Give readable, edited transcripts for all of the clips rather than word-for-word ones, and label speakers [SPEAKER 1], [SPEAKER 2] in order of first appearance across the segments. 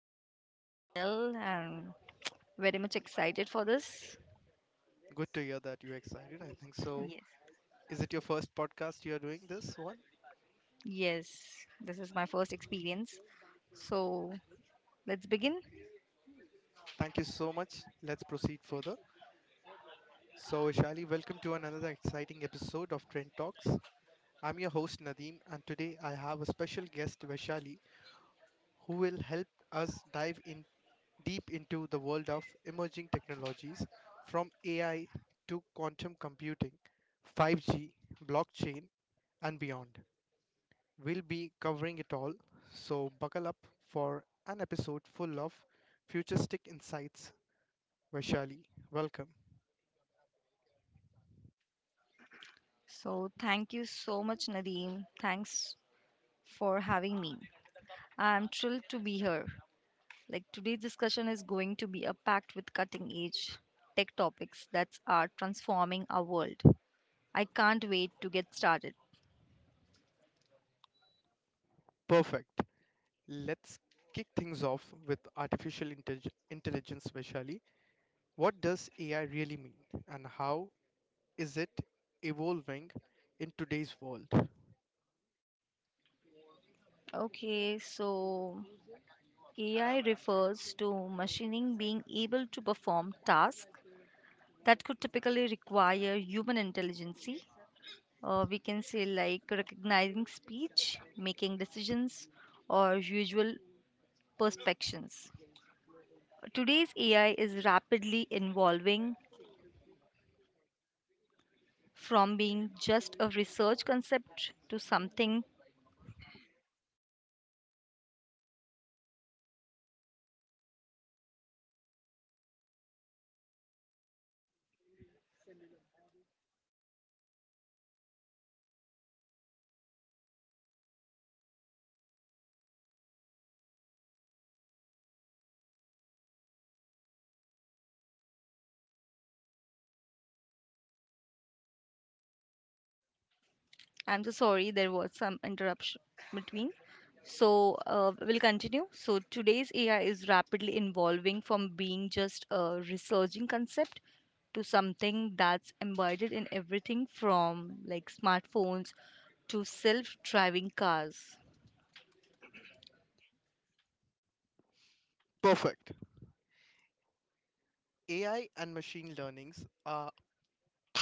[SPEAKER 1] I'm very well and very much excited for this.
[SPEAKER 2] Good to hear that you're excited. I think so.
[SPEAKER 1] Yes.
[SPEAKER 2] Is it your first podcast you're doing this one?
[SPEAKER 1] Yes. This is my first experience. So let's begin.
[SPEAKER 2] Thank you so much. Let's proceed further. So, Vaishali, welcome to another exciting episode of Trend Talks. I'm your host Nadeem, and today I have a special guest Vaishali who will help us dive in. Deep into the world of emerging technologies from AI to quantum computing, 5G, blockchain, and beyond. We'll be covering it all, so buckle up for an episode full of futuristic insights. Vaishali, welcome.
[SPEAKER 1] So thank you so much, Nadeem. Thanks for having me. I'm thrilled to be here. Like today's discussion is going to be a packed with cutting edge tech topics that are transforming our world. I can't wait to get started.
[SPEAKER 2] Perfect. Let's kick things off with artificial intelligence, Vaishali. What does AI really mean, and how is it evolving in today's world?
[SPEAKER 1] Okay, so AI refers to machining being able to perform tasks that could typically require human intelligence. We can say, like recognizing speech, making decisions, or usual perspectives. Today's AI is rapidly evolving from being just a research concept to something. I'm so sorry there was some interruption between. So we'll continue. So today's AI is rapidly evolving from being just a resurging concept to something that's embedded in everything from like smartphones to self-driving cars.
[SPEAKER 2] Perfect. AI and machine learnings are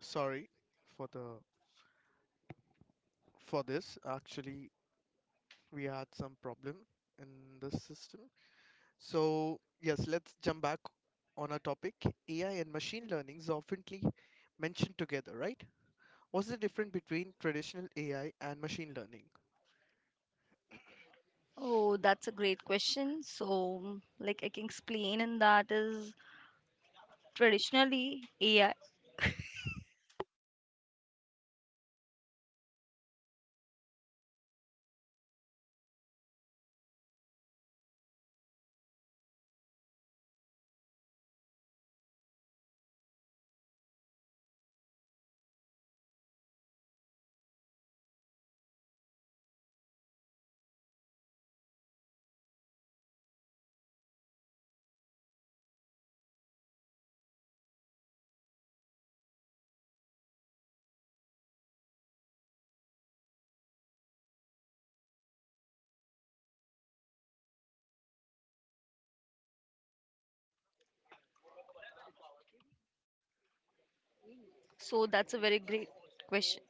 [SPEAKER 2] sorry for the for this. Actually, we had some problem in this system. So yes, let's jump back on our topic. AI and machine learnings is oftenly mentioned together, right? What's the difference between traditional AI and machine learning?
[SPEAKER 1] Oh, that's a great question. So, like I can explain, and that is traditionally AI. So that's a very great question.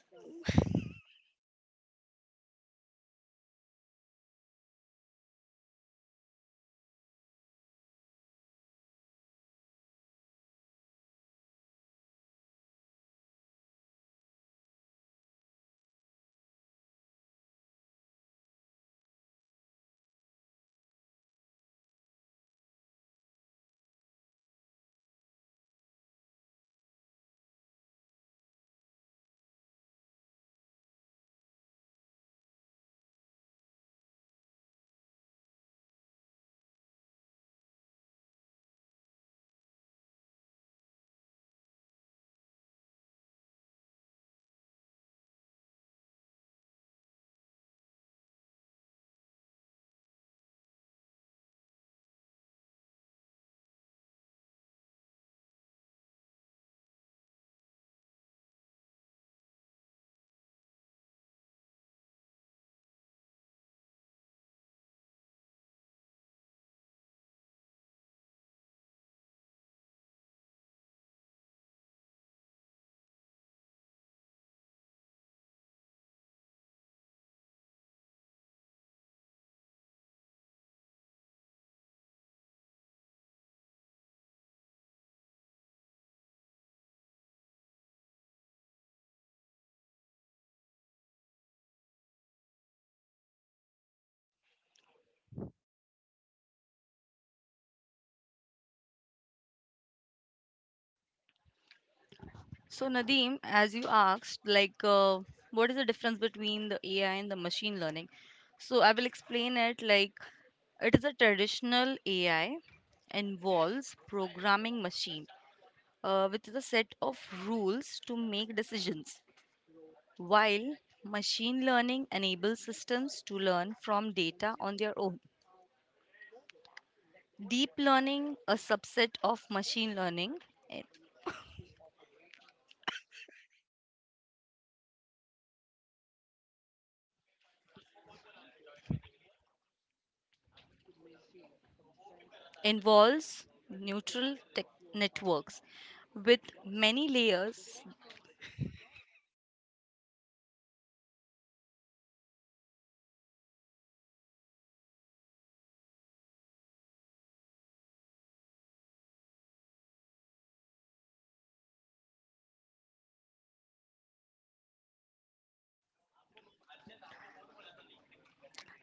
[SPEAKER 1] So, Nadeem, as you asked, like, what is the difference between the AI and the machine learning? So, I will explain it like it is a traditional AI involves programming machine with a set of rules to make decisions, while machine learning enables systems to learn from data on their own. Deep learning, a subset of machine learning, eh, involves neutral tech networks with many layers.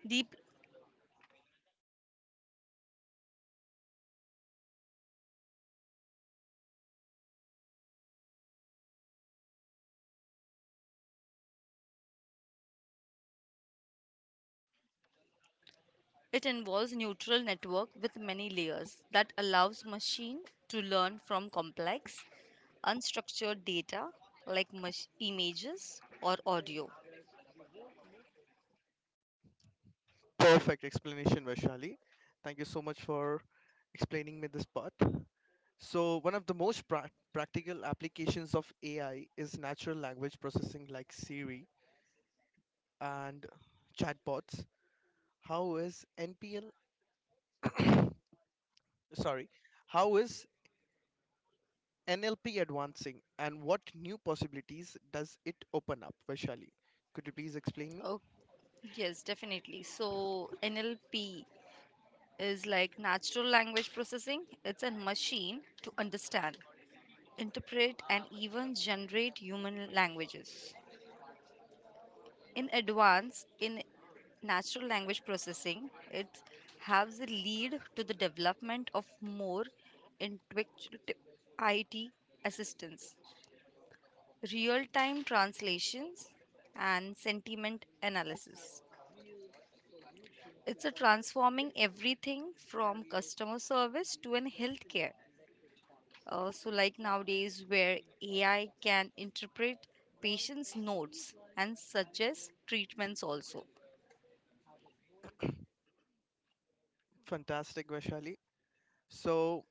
[SPEAKER 1] Deep, it involves neutral network with many layers that allows machine to learn from complex unstructured data like images or audio.
[SPEAKER 2] Perfect explanation, Vaishali. Thank you so much for explaining me this part. So, one of the most practical applications of AI is natural language processing like Siri and chatbots. How is NPL, sorry, how is NLP advancing, and what new possibilities does it open up, Vaishali? Could you please explain me?
[SPEAKER 1] Oh, yes, definitely. So, NLP is like natural language processing. It's a machine to understand, interpret, and even generate human languages. In advance, in natural language processing, it has a lead to the development of more intuitive IT assistance, real-time translations, and sentiment analysis. It's a transforming everything from customer service to an healthcare. So, like nowadays, where AI can interpret patients' notes and suggest treatments also.
[SPEAKER 2] Fantastic, Vaishali. So,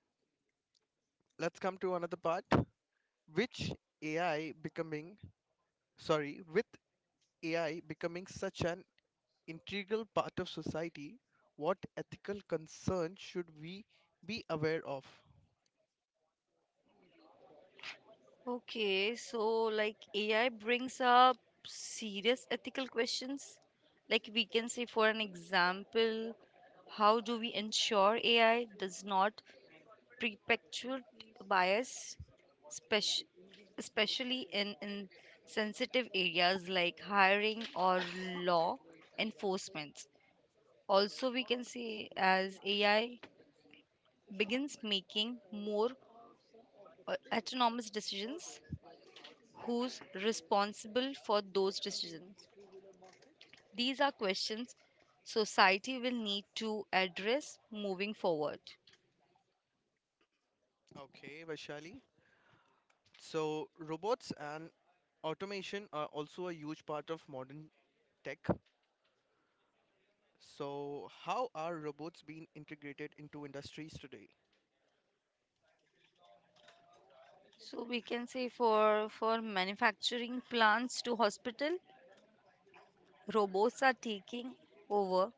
[SPEAKER 2] let's come to another part. Which AI becoming, sorry, with AI becoming such an integral part of society, what ethical concerns should we be aware of?
[SPEAKER 1] Okay, so like AI brings up serious ethical questions. Like we can say, for an example, how do we ensure AI does not perpetuate bias, spec- especially in sensitive areas like hiring or law enforcement? Also, we can say as AI begins making more autonomous decisions, who's responsible for those decisions? These are questions society will need to address moving forward.
[SPEAKER 2] Okay, Vaishali. So, robots and automation are also a huge part of modern tech. So, how are robots being integrated into industries today?
[SPEAKER 1] So we can say for manufacturing plants to hospital, robots are taking over.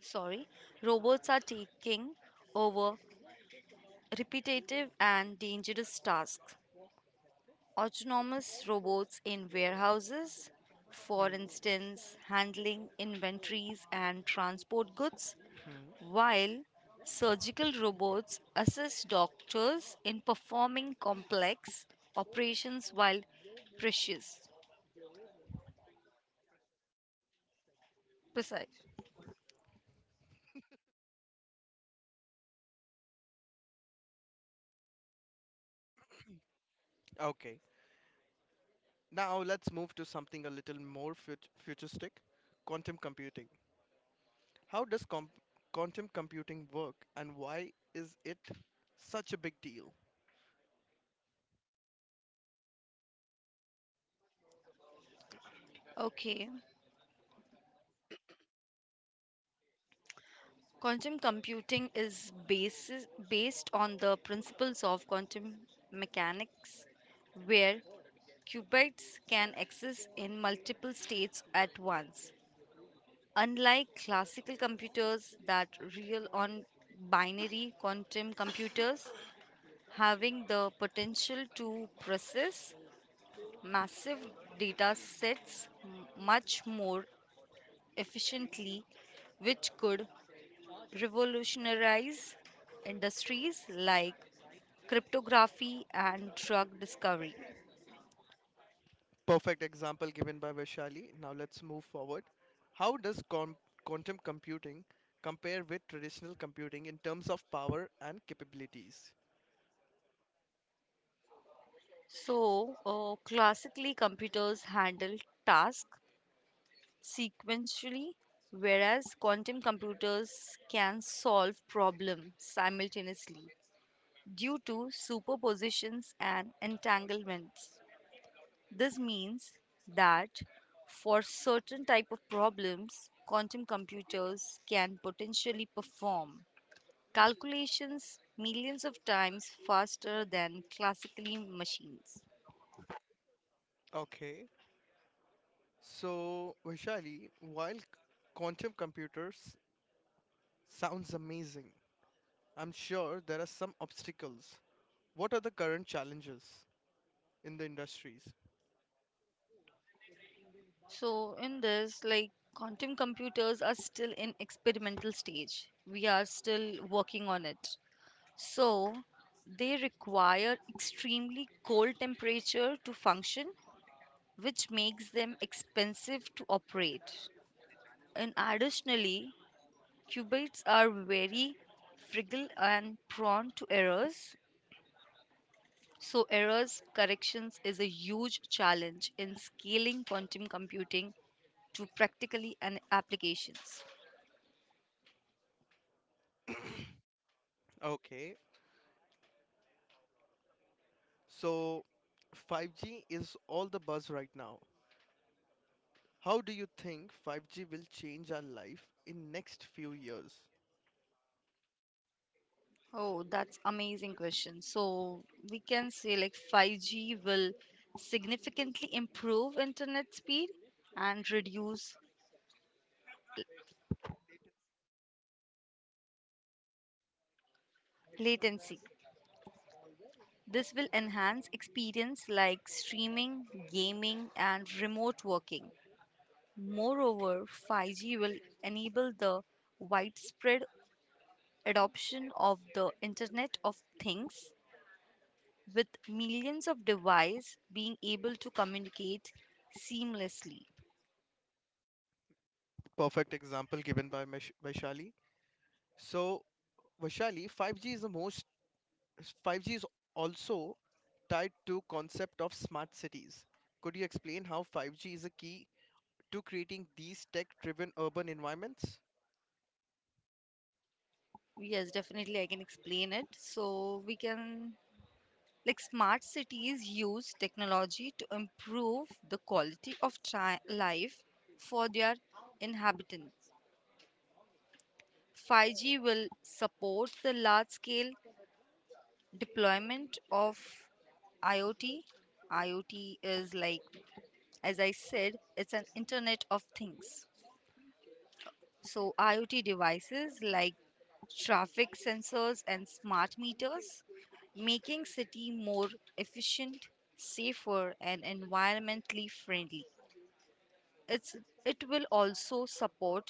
[SPEAKER 1] Sorry, robots are taking over repetitive and dangerous tasks. Autonomous robots in warehouses, for
[SPEAKER 2] Hmm.
[SPEAKER 1] instance, handling inventories and transport goods.
[SPEAKER 2] Hmm.
[SPEAKER 1] While surgical robots assist doctors in performing complex operations while precious. Precise.
[SPEAKER 2] Okay. Now let's move to something a little more futuristic, quantum computing. How does quantum computing work, and why is it such a big deal?
[SPEAKER 1] Okay. Quantum computing is based on the principles of quantum mechanics, where qubits can exist in multiple states at once. Unlike classical computers that rely on binary, quantum computers having the potential to process massive data sets much more efficiently, which could revolutionize industries like cryptography and drug discovery.
[SPEAKER 2] Perfect example given by Vaishali. Now let's move forward. How does quantum computing compare with traditional computing in terms of power and capabilities?
[SPEAKER 1] So, classically, computers handle tasks sequentially, whereas quantum computers can solve problems simultaneously, due to superpositions and entanglements. This means that for certain type of problems, quantum computers can potentially perform calculations millions of times faster than classically machines.
[SPEAKER 2] Okay, so Vaishali, while quantum computers sounds amazing, I'm sure there are some obstacles. What are the current challenges in the industries?
[SPEAKER 1] So in this like quantum computers are still in experimental stage. We are still working on it. So they require extremely cold temperature to function, which makes them expensive to operate. And additionally, qubits are very fragile and prone to errors. So, errors corrections is a huge challenge in scaling quantum computing to practically an applications.
[SPEAKER 2] Okay, so 5G is all the buzz right now. How do you think 5G will change our life in next few years?
[SPEAKER 1] Oh, that's amazing question. So, we can say like 5G will significantly improve internet speed and reduce latency. This will enhance experience like streaming, gaming, and remote working. Moreover, 5G will enable the widespread adoption of the Internet of Things, with millions of devices being able to communicate seamlessly.
[SPEAKER 2] Perfect example given by Vaishali. So, Vaishali, 5G is also tied to concept of smart cities. Could you explain how 5G is a key to creating these tech-driven urban environments?
[SPEAKER 1] Yes, definitely, I can explain it. So, we can like smart cities use technology to improve the quality of life for their inhabitants. 5G will support the large scale deployment of IoT. IoT is like, as I said, it's an Internet of Things. So, IoT devices like traffic sensors and smart meters, making city more efficient, safer and environmentally friendly. It's, it will also support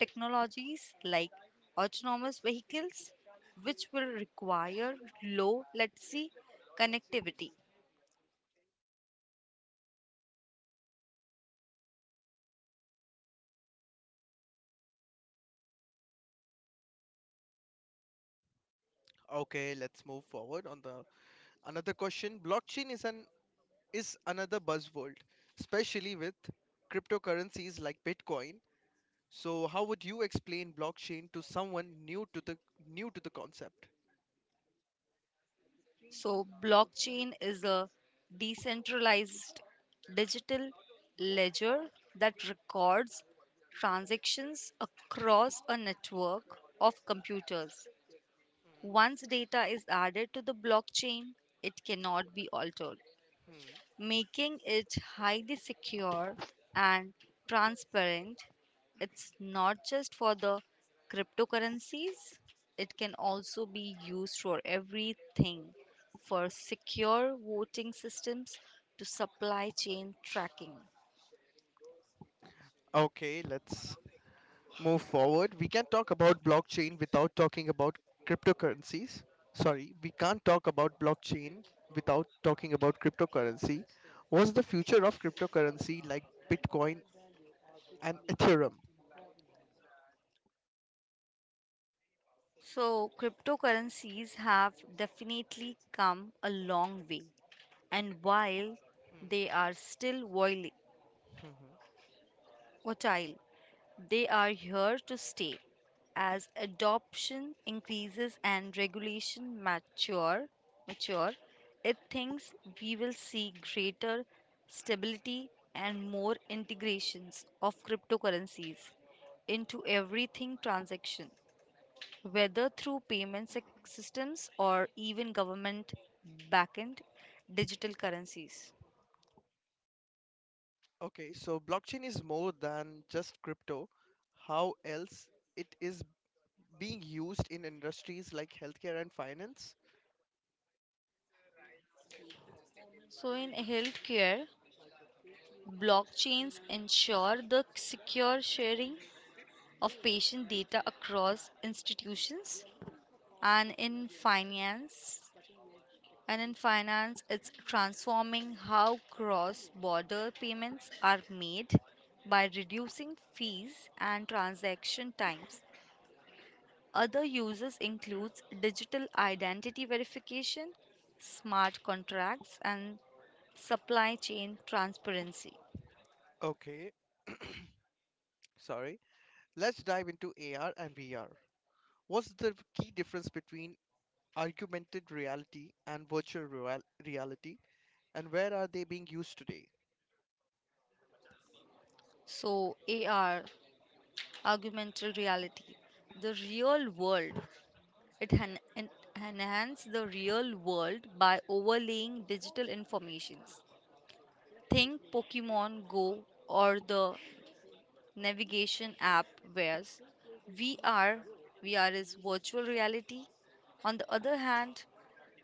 [SPEAKER 1] technologies like autonomous vehicles, which will require low latency connectivity.
[SPEAKER 2] Okay, let's move forward on the another question. Blockchain is another buzzword, especially with cryptocurrencies like Bitcoin. So, how would you explain blockchain to someone new to the concept?
[SPEAKER 1] So, blockchain is a decentralized digital ledger that records transactions across a network of computers.
[SPEAKER 2] Mm-hmm.
[SPEAKER 1] Once data is added to the blockchain, it cannot be altered,
[SPEAKER 2] Hmm.
[SPEAKER 1] making it highly secure and transparent. It's not just for the cryptocurrencies, it can also be used for everything for secure voting systems to supply chain tracking.
[SPEAKER 2] Okay, let's move forward. We can talk about blockchain without talking about cryptocurrencies. Sorry, we can't talk about blockchain without talking about cryptocurrency. What's the future of cryptocurrency like Bitcoin and Ethereum?
[SPEAKER 1] So, cryptocurrencies have definitely come a long way, and while they are still
[SPEAKER 2] Mm-hmm.
[SPEAKER 1] volatile, they are here to stay. As adoption increases and regulation mature, it thinks we will see greater stability and more integrations of cryptocurrencies into everything transaction, whether through payment systems or even government backend digital currencies.
[SPEAKER 2] Okay, so blockchain is more than just crypto. How else it is being used in industries like healthcare and finance?
[SPEAKER 1] So, in healthcare, blockchains ensure the secure sharing of patient data across institutions, and in finance it's transforming how cross border payments are made by reducing fees and transaction times. Other uses includes digital identity verification, smart contracts, and supply chain transparency.
[SPEAKER 2] Okay, sorry. Let's dive into AR and VR. What's the key difference between augmented reality and virtual reality, and where are they being used today?
[SPEAKER 1] So, AR, augmented reality, the real world. It enhances the real world by overlaying digital informations. Think Pokemon Go or the navigation app. Whereas VR VR is virtual reality. On the other hand,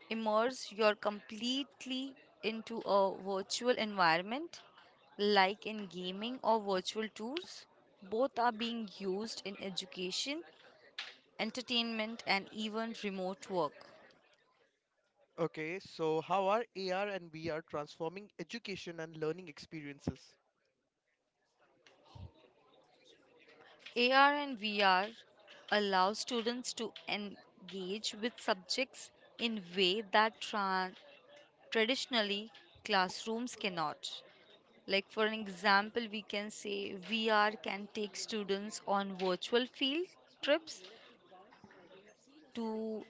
[SPEAKER 1] immerse your completely into a virtual environment like in gaming or virtual tours. Both are being used in education, entertainment and even remote work.
[SPEAKER 2] Okay, so how are AR and VR transforming education and learning experiences?
[SPEAKER 1] AR and VR allow students to engage with subjects in way that traditionally classrooms cannot. Like for an example, we can say VR can take students on virtual field trips to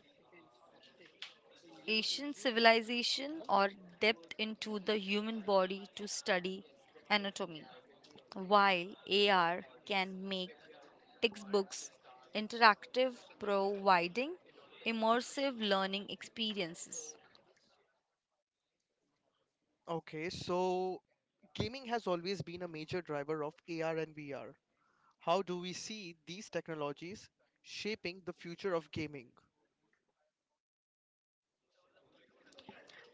[SPEAKER 1] Asian civilization or depth into the human body to study anatomy, while AR can make textbooks interactive, providing immersive learning experiences.
[SPEAKER 2] Okay, so gaming has always been a major driver of AR and VR. How do we see these technologies shaping the future of gaming?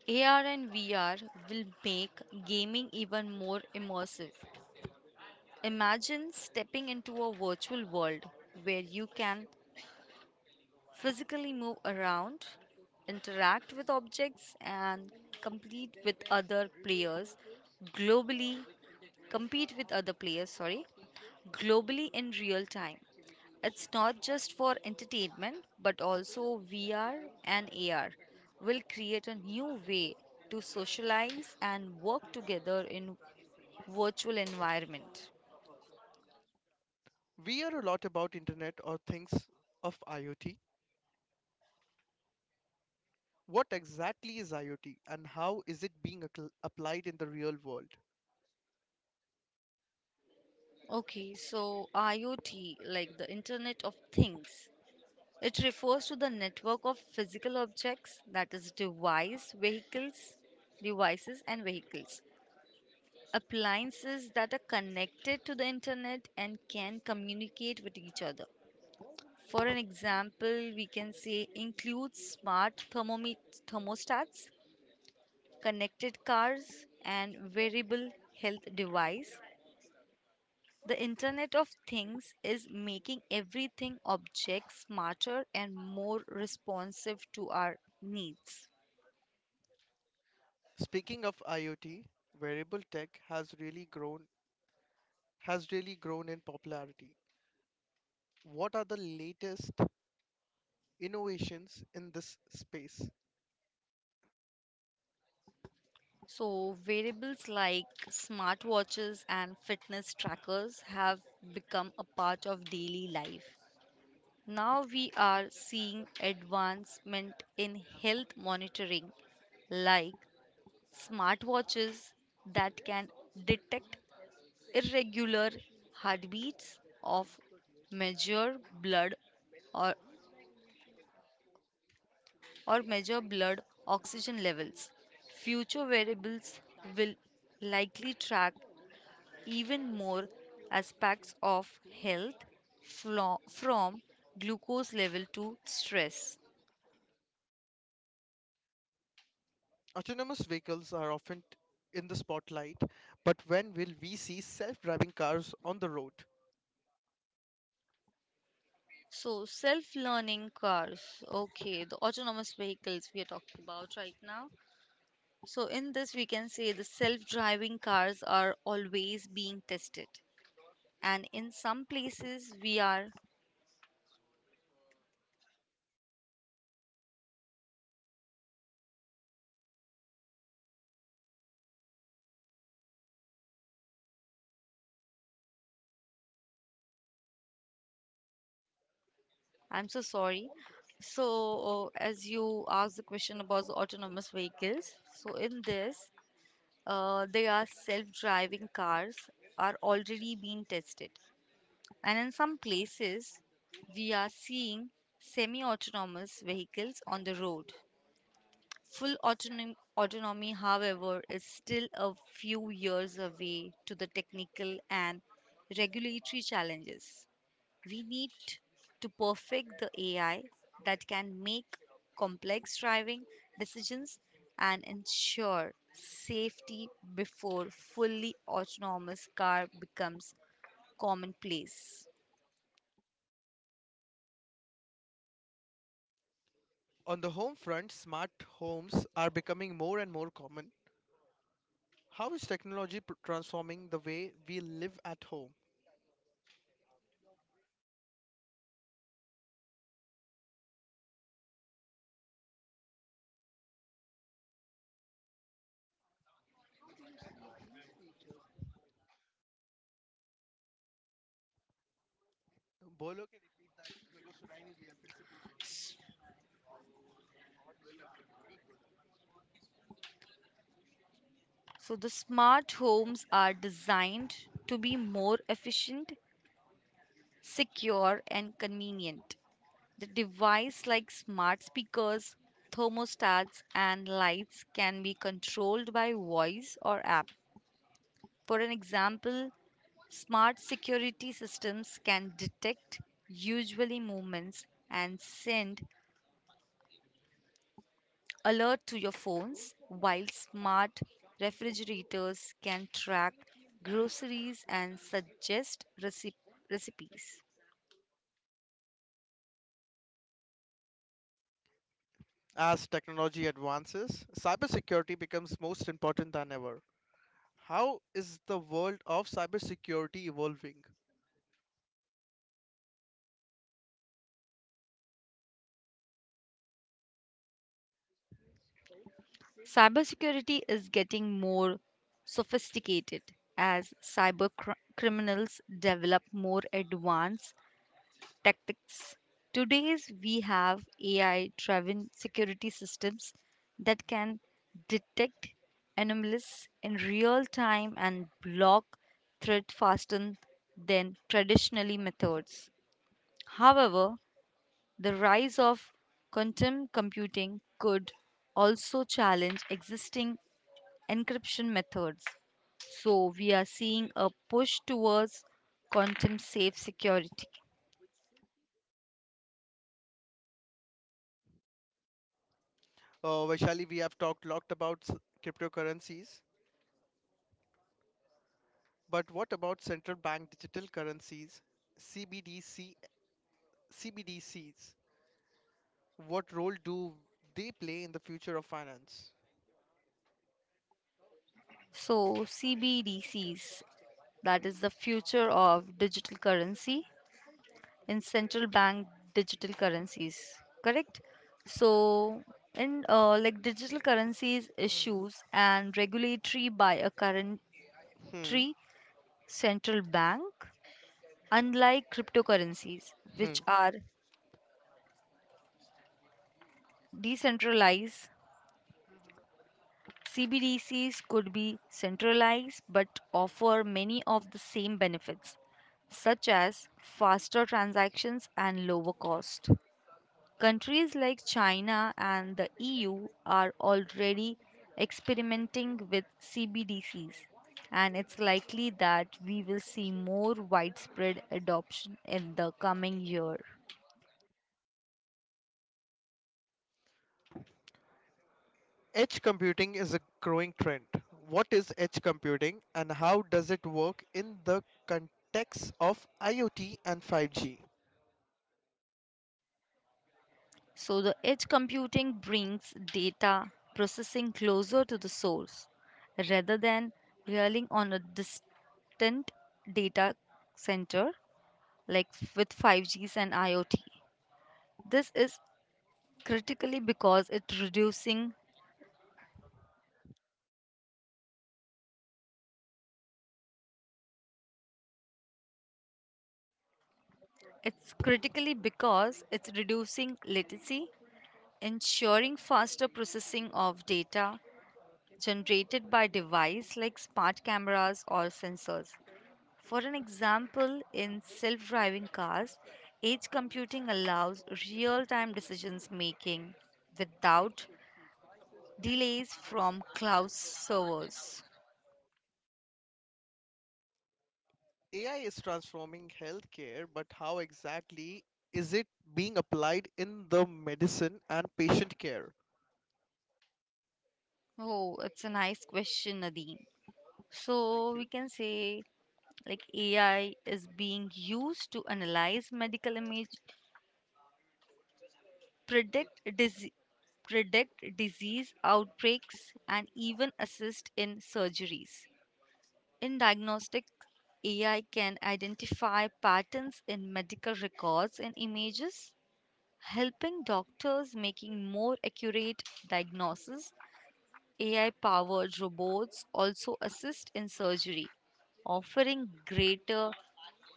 [SPEAKER 1] AR and VR will make gaming even more immersive. Imagine stepping into a virtual world where you can physically move around, interact with objects, and compete with other players globally. Compete with other players, sorry, globally in real time. It's not just for entertainment, but also VR and AR will create a new way to socialize and work together in virtual environment.
[SPEAKER 2] We hear a lot about internet or things of IoT. What exactly is IoT, and how is it being applied in the real world?
[SPEAKER 1] Okay, so IoT, like the Internet of Things, it refers to the network of physical objects, that is, devices, and vehicles appliances that are connected to the internet and can communicate with each other. For an example, we can say include smart thermostats, connected cars, and wearable health device. The Internet of Things is making everything object smarter and more responsive to our needs.
[SPEAKER 2] Speaking of IoT, wearable tech has really grown in popularity. What are the latest innovations in this space?
[SPEAKER 1] So, variables like smartwatches and fitness trackers have become a part of daily life. Now we are seeing advancement in health monitoring like smartwatches that can detect irregular heartbeats of measure blood or or measure blood oxygen levels. Future variables will likely track even more aspects of health from glucose level to stress.
[SPEAKER 2] Autonomous vehicles are often in the spotlight, but when will we see self-driving cars on the road?
[SPEAKER 1] So, self learning cars, okay, the autonomous vehicles we are talking about right now. So, in this, we can say the self driving cars are always being tested, and in some places, we are. I'm so sorry. So, as you asked the question about the autonomous vehicles, so in this, they are self-driving cars are already being tested and in some places we are seeing semi-autonomous vehicles on the road. Full autonomy however is still a few years away to the technical and regulatory challenges. We need to perfect the AI that can make complex driving decisions and ensure safety before fully autonomous car becomes commonplace.
[SPEAKER 2] On the home front, smart homes are becoming more and more common. How is technology transforming the way we live at home? Bolo ki-
[SPEAKER 1] So the smart homes are designed to be more efficient, secure and convenient. The device like smart speakers, thermostats and lights can be controlled by voice or app. For an example, smart security systems can detect usually movements and send alert to your phones, while smart refrigerators can track groceries and suggest recipes.
[SPEAKER 2] As technology advances, cybersecurity becomes most important than ever. How is the world of cybersecurity evolving?
[SPEAKER 1] Cybersecurity is getting more sophisticated as cyber criminals develop more advanced tactics. Today's we have AI driven security systems that can detect anomalies in real time and block threat faster than traditionally methods. However, the rise of quantum computing could also challenge existing encryption methods. So we are seeing a push towards quantum safe security.
[SPEAKER 2] Vaishali, we have talked lot about cryptocurrencies, but what about central bank digital currencies, CBDC, CBDCs? What role do they play in the future of finance?
[SPEAKER 1] So, CBDCs, that is the future of digital currency in central bank digital currencies, correct? So, in like digital currencies issues and regulatory by a currentry
[SPEAKER 2] Hmm.
[SPEAKER 1] central bank, unlike cryptocurrencies, which
[SPEAKER 2] Hmm.
[SPEAKER 1] are decentralized. CBDCs could be centralized but offer many of the same benefits, such as faster transactions and lower cost. Countries like China and the EU are already experimenting with CBDCs, and it's likely that we will see more widespread adoption in the coming year.
[SPEAKER 2] Edge computing is a growing trend. What is edge computing, and how does it work in the context of IoT and 5G?
[SPEAKER 1] So, the edge computing brings data processing closer to the source rather than relying on a distant data center like with 5Gs and IoT. This is critically because it reducing it's critically because it's reducing latency, ensuring faster processing of data generated by device like smart cameras or sensors. For an example, in self driving cars, edge computing allows real time decisions making without delays from cloud servers.
[SPEAKER 2] AI is transforming healthcare, but how exactly is it being applied in the medicine and patient care?
[SPEAKER 1] Oh, it's a nice question, Nadeem. So,
[SPEAKER 2] Thank
[SPEAKER 1] we
[SPEAKER 2] you.
[SPEAKER 1] can say like AI is being used to analyze medical image, predict disease. Predict disease outbreaks and even assist in surgeries. In diagnostics, AI can identify patterns in medical records and images, helping doctors making more accurate diagnoses. AI-powered robots also assist in surgery, offering greater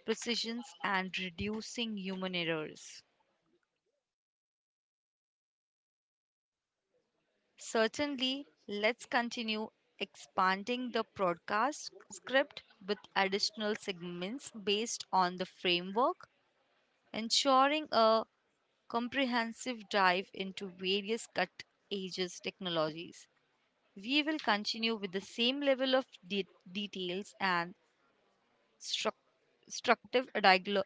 [SPEAKER 1] precision and reducing human errors. Certainly, let's continue expanding the broadcast script with additional segments based on the framework, ensuring a comprehensive dive into various cut edges technologies. We will continue with the same level of details and struc- structive dialogue.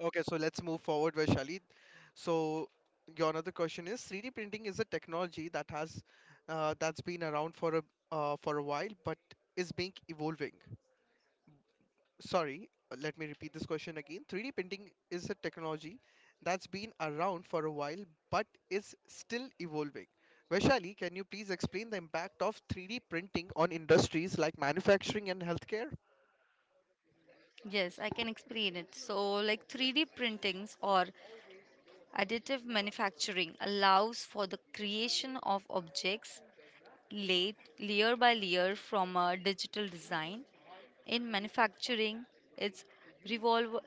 [SPEAKER 2] Okay, so let's move forward, Vaishali. So your another question is 3D printing is a technology that has that's been around for a while, but is being evolving. Sorry, let me repeat this question again. 3D printing is a technology that's been around for a while, but is still evolving. Vaishali, can you please explain the impact of 3D printing on industries like manufacturing and healthcare?
[SPEAKER 1] Yes, I can explain it. So, like 3D printings or additive manufacturing allows for the creation of objects laid layer by layer from a digital design. In manufacturing, it's revolve.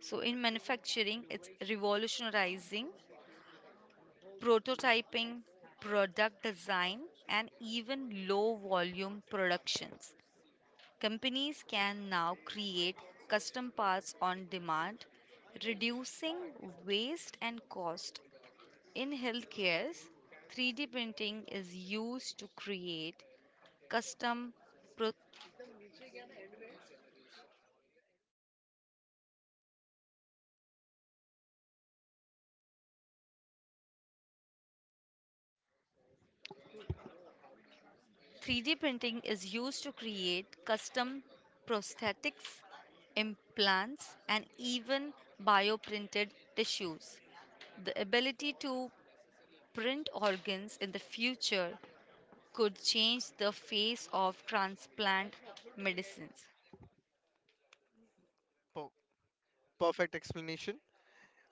[SPEAKER 1] It's revolutionizing prototyping, product design, and even low volume productions. Companies can now create custom parts on demand, reducing waste and cost. In healthcare, 3D printing is used to create custom pro- 3D printing is used to create custom prosthetics, implants, and even bioprinted tissues. The ability to print organs in the future could change the face of transplant medicines.
[SPEAKER 2] Per- Perfect explanation.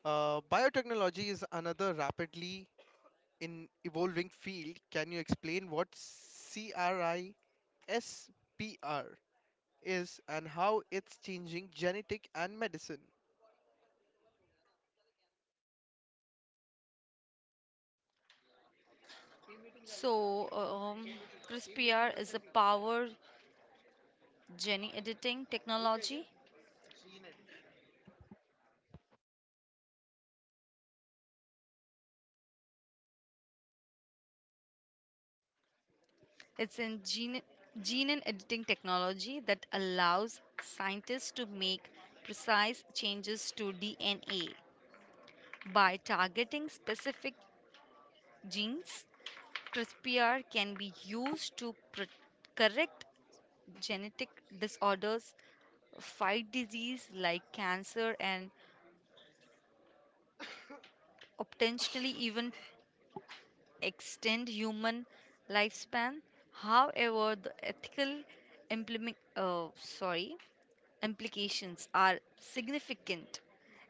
[SPEAKER 2] Biotechnology is another rapidly in evolving field. Can you explain what CRISPR is and how it's changing genetic and medicine?
[SPEAKER 1] So, CRISPR is a power gene editing technology. It's a gene, gene and editing technology that allows scientists to make precise changes to DNA. By targeting specific genes, CRISPR can be used to correct genetic disorders, fight disease like cancer, and potentially even extend human lifespan. However, the ethical implement, uh, sorry, implications are significant.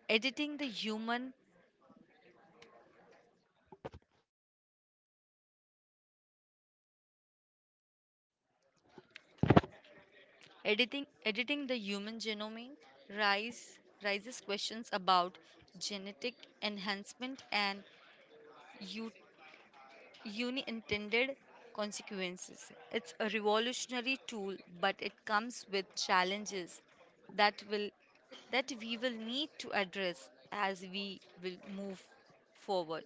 [SPEAKER 1] Editing the human editing the human genome raises questions about genetic enhancement and unintended consequences. It's a revolutionary tool, but it comes with challenges that will that we will need to address as we will move forward.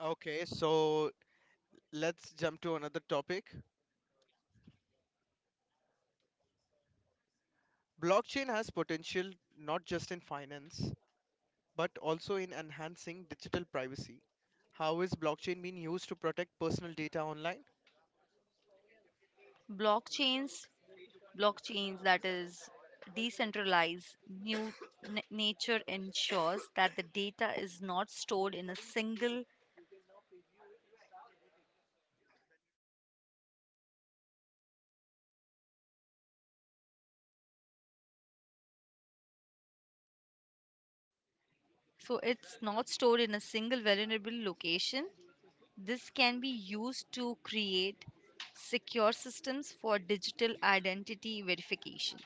[SPEAKER 2] Okay, so let's jump to another topic. Blockchain has potential not just in finance, but also in enhancing digital privacy. How is blockchain being used to protect personal data online?
[SPEAKER 1] Blockchains, blockchains that is decentralized new nature ensures that the data is not stored in a single so it's not stored in a single vulnerable location. This can be used to create secure systems for digital identity verification,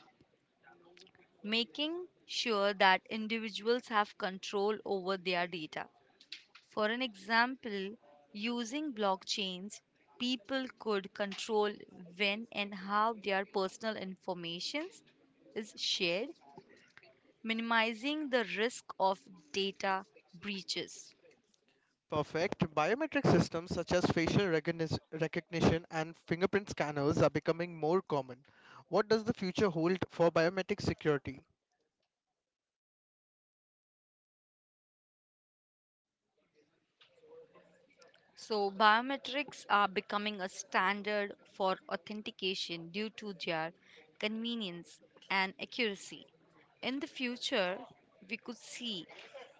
[SPEAKER 1] making sure that individuals have control over their data. For an example, using blockchains, people could control when and how their personal information is shared, minimizing the risk of data breaches.
[SPEAKER 2] Perfect. Biometric systems such as facial recognition and fingerprint scanners are becoming more common. What does the future hold for biometric security?
[SPEAKER 1] So, biometrics are becoming a standard for authentication due to their convenience and accuracy. In the future, we could see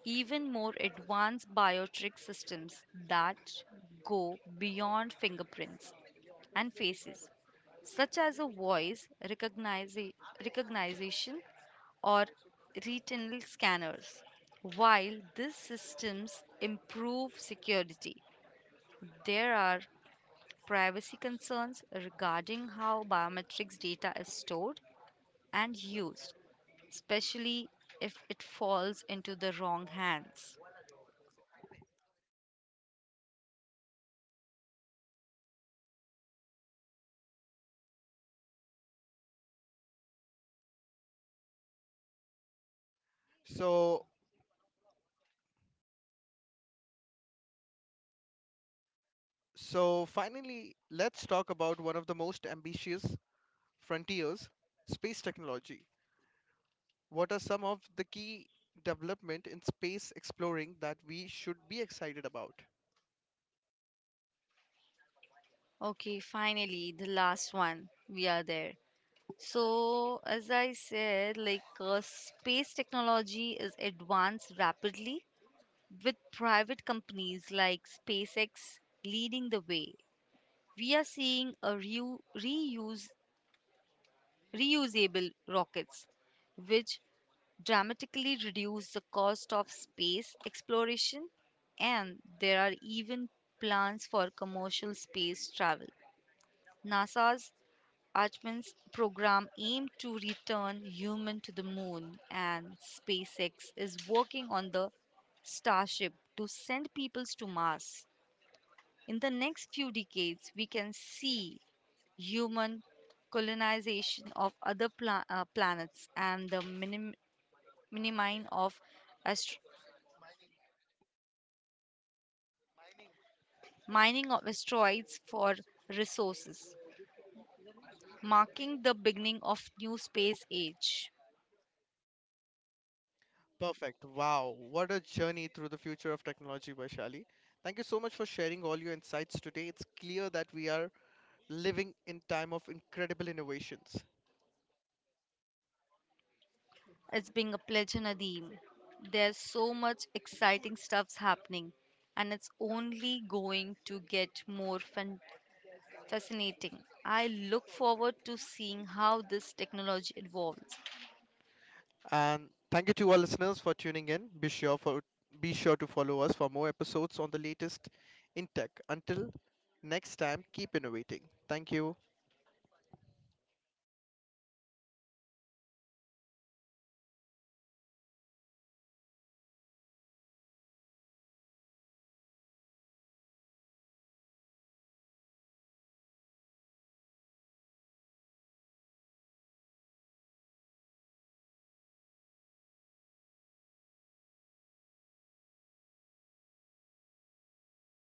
[SPEAKER 1] even more advanced biometric systems that go beyond fingerprints and faces, such as a recognition or retinal scanners. While these systems improve security, there are privacy concerns regarding how biometrics data is stored and used, especially if it falls into the wrong hands.
[SPEAKER 2] So, so finally, let's talk about one of the most ambitious frontiers, space technology. What are some of the key development in space exploring that we should be excited about?
[SPEAKER 1] Okay, finally, the last one. We are there. So, as I said, like space technology is advanced rapidly with private companies like SpaceX leading the way. We are seeing a reu- reuse reusable rockets which dramatically reduce the cost of space exploration, and there are even plans for commercial space travel. NASA's Artemis program aimed to return human to the moon, and SpaceX is working on the Starship to send peoples to Mars. In the next few decades, we can see human colonization of other planets and the minimine of astro- mining of asteroids for resources, marking the beginning of new space age.
[SPEAKER 2] Perfect. Wow. What a journey through the future of technology, Vaishali. Thank you so much for sharing all your insights today. It's clear that we are living in time of incredible innovations.
[SPEAKER 1] It's being a pleasure, Nadeem. There's so much exciting stuff's happening, and it's only going to get more fascinating. I look forward to seeing how this technology evolves
[SPEAKER 2] And thank you to our listeners for tuning in. Be sure to follow us for more episodes on the latest in tech. Until next time, keep innovating. Thank you.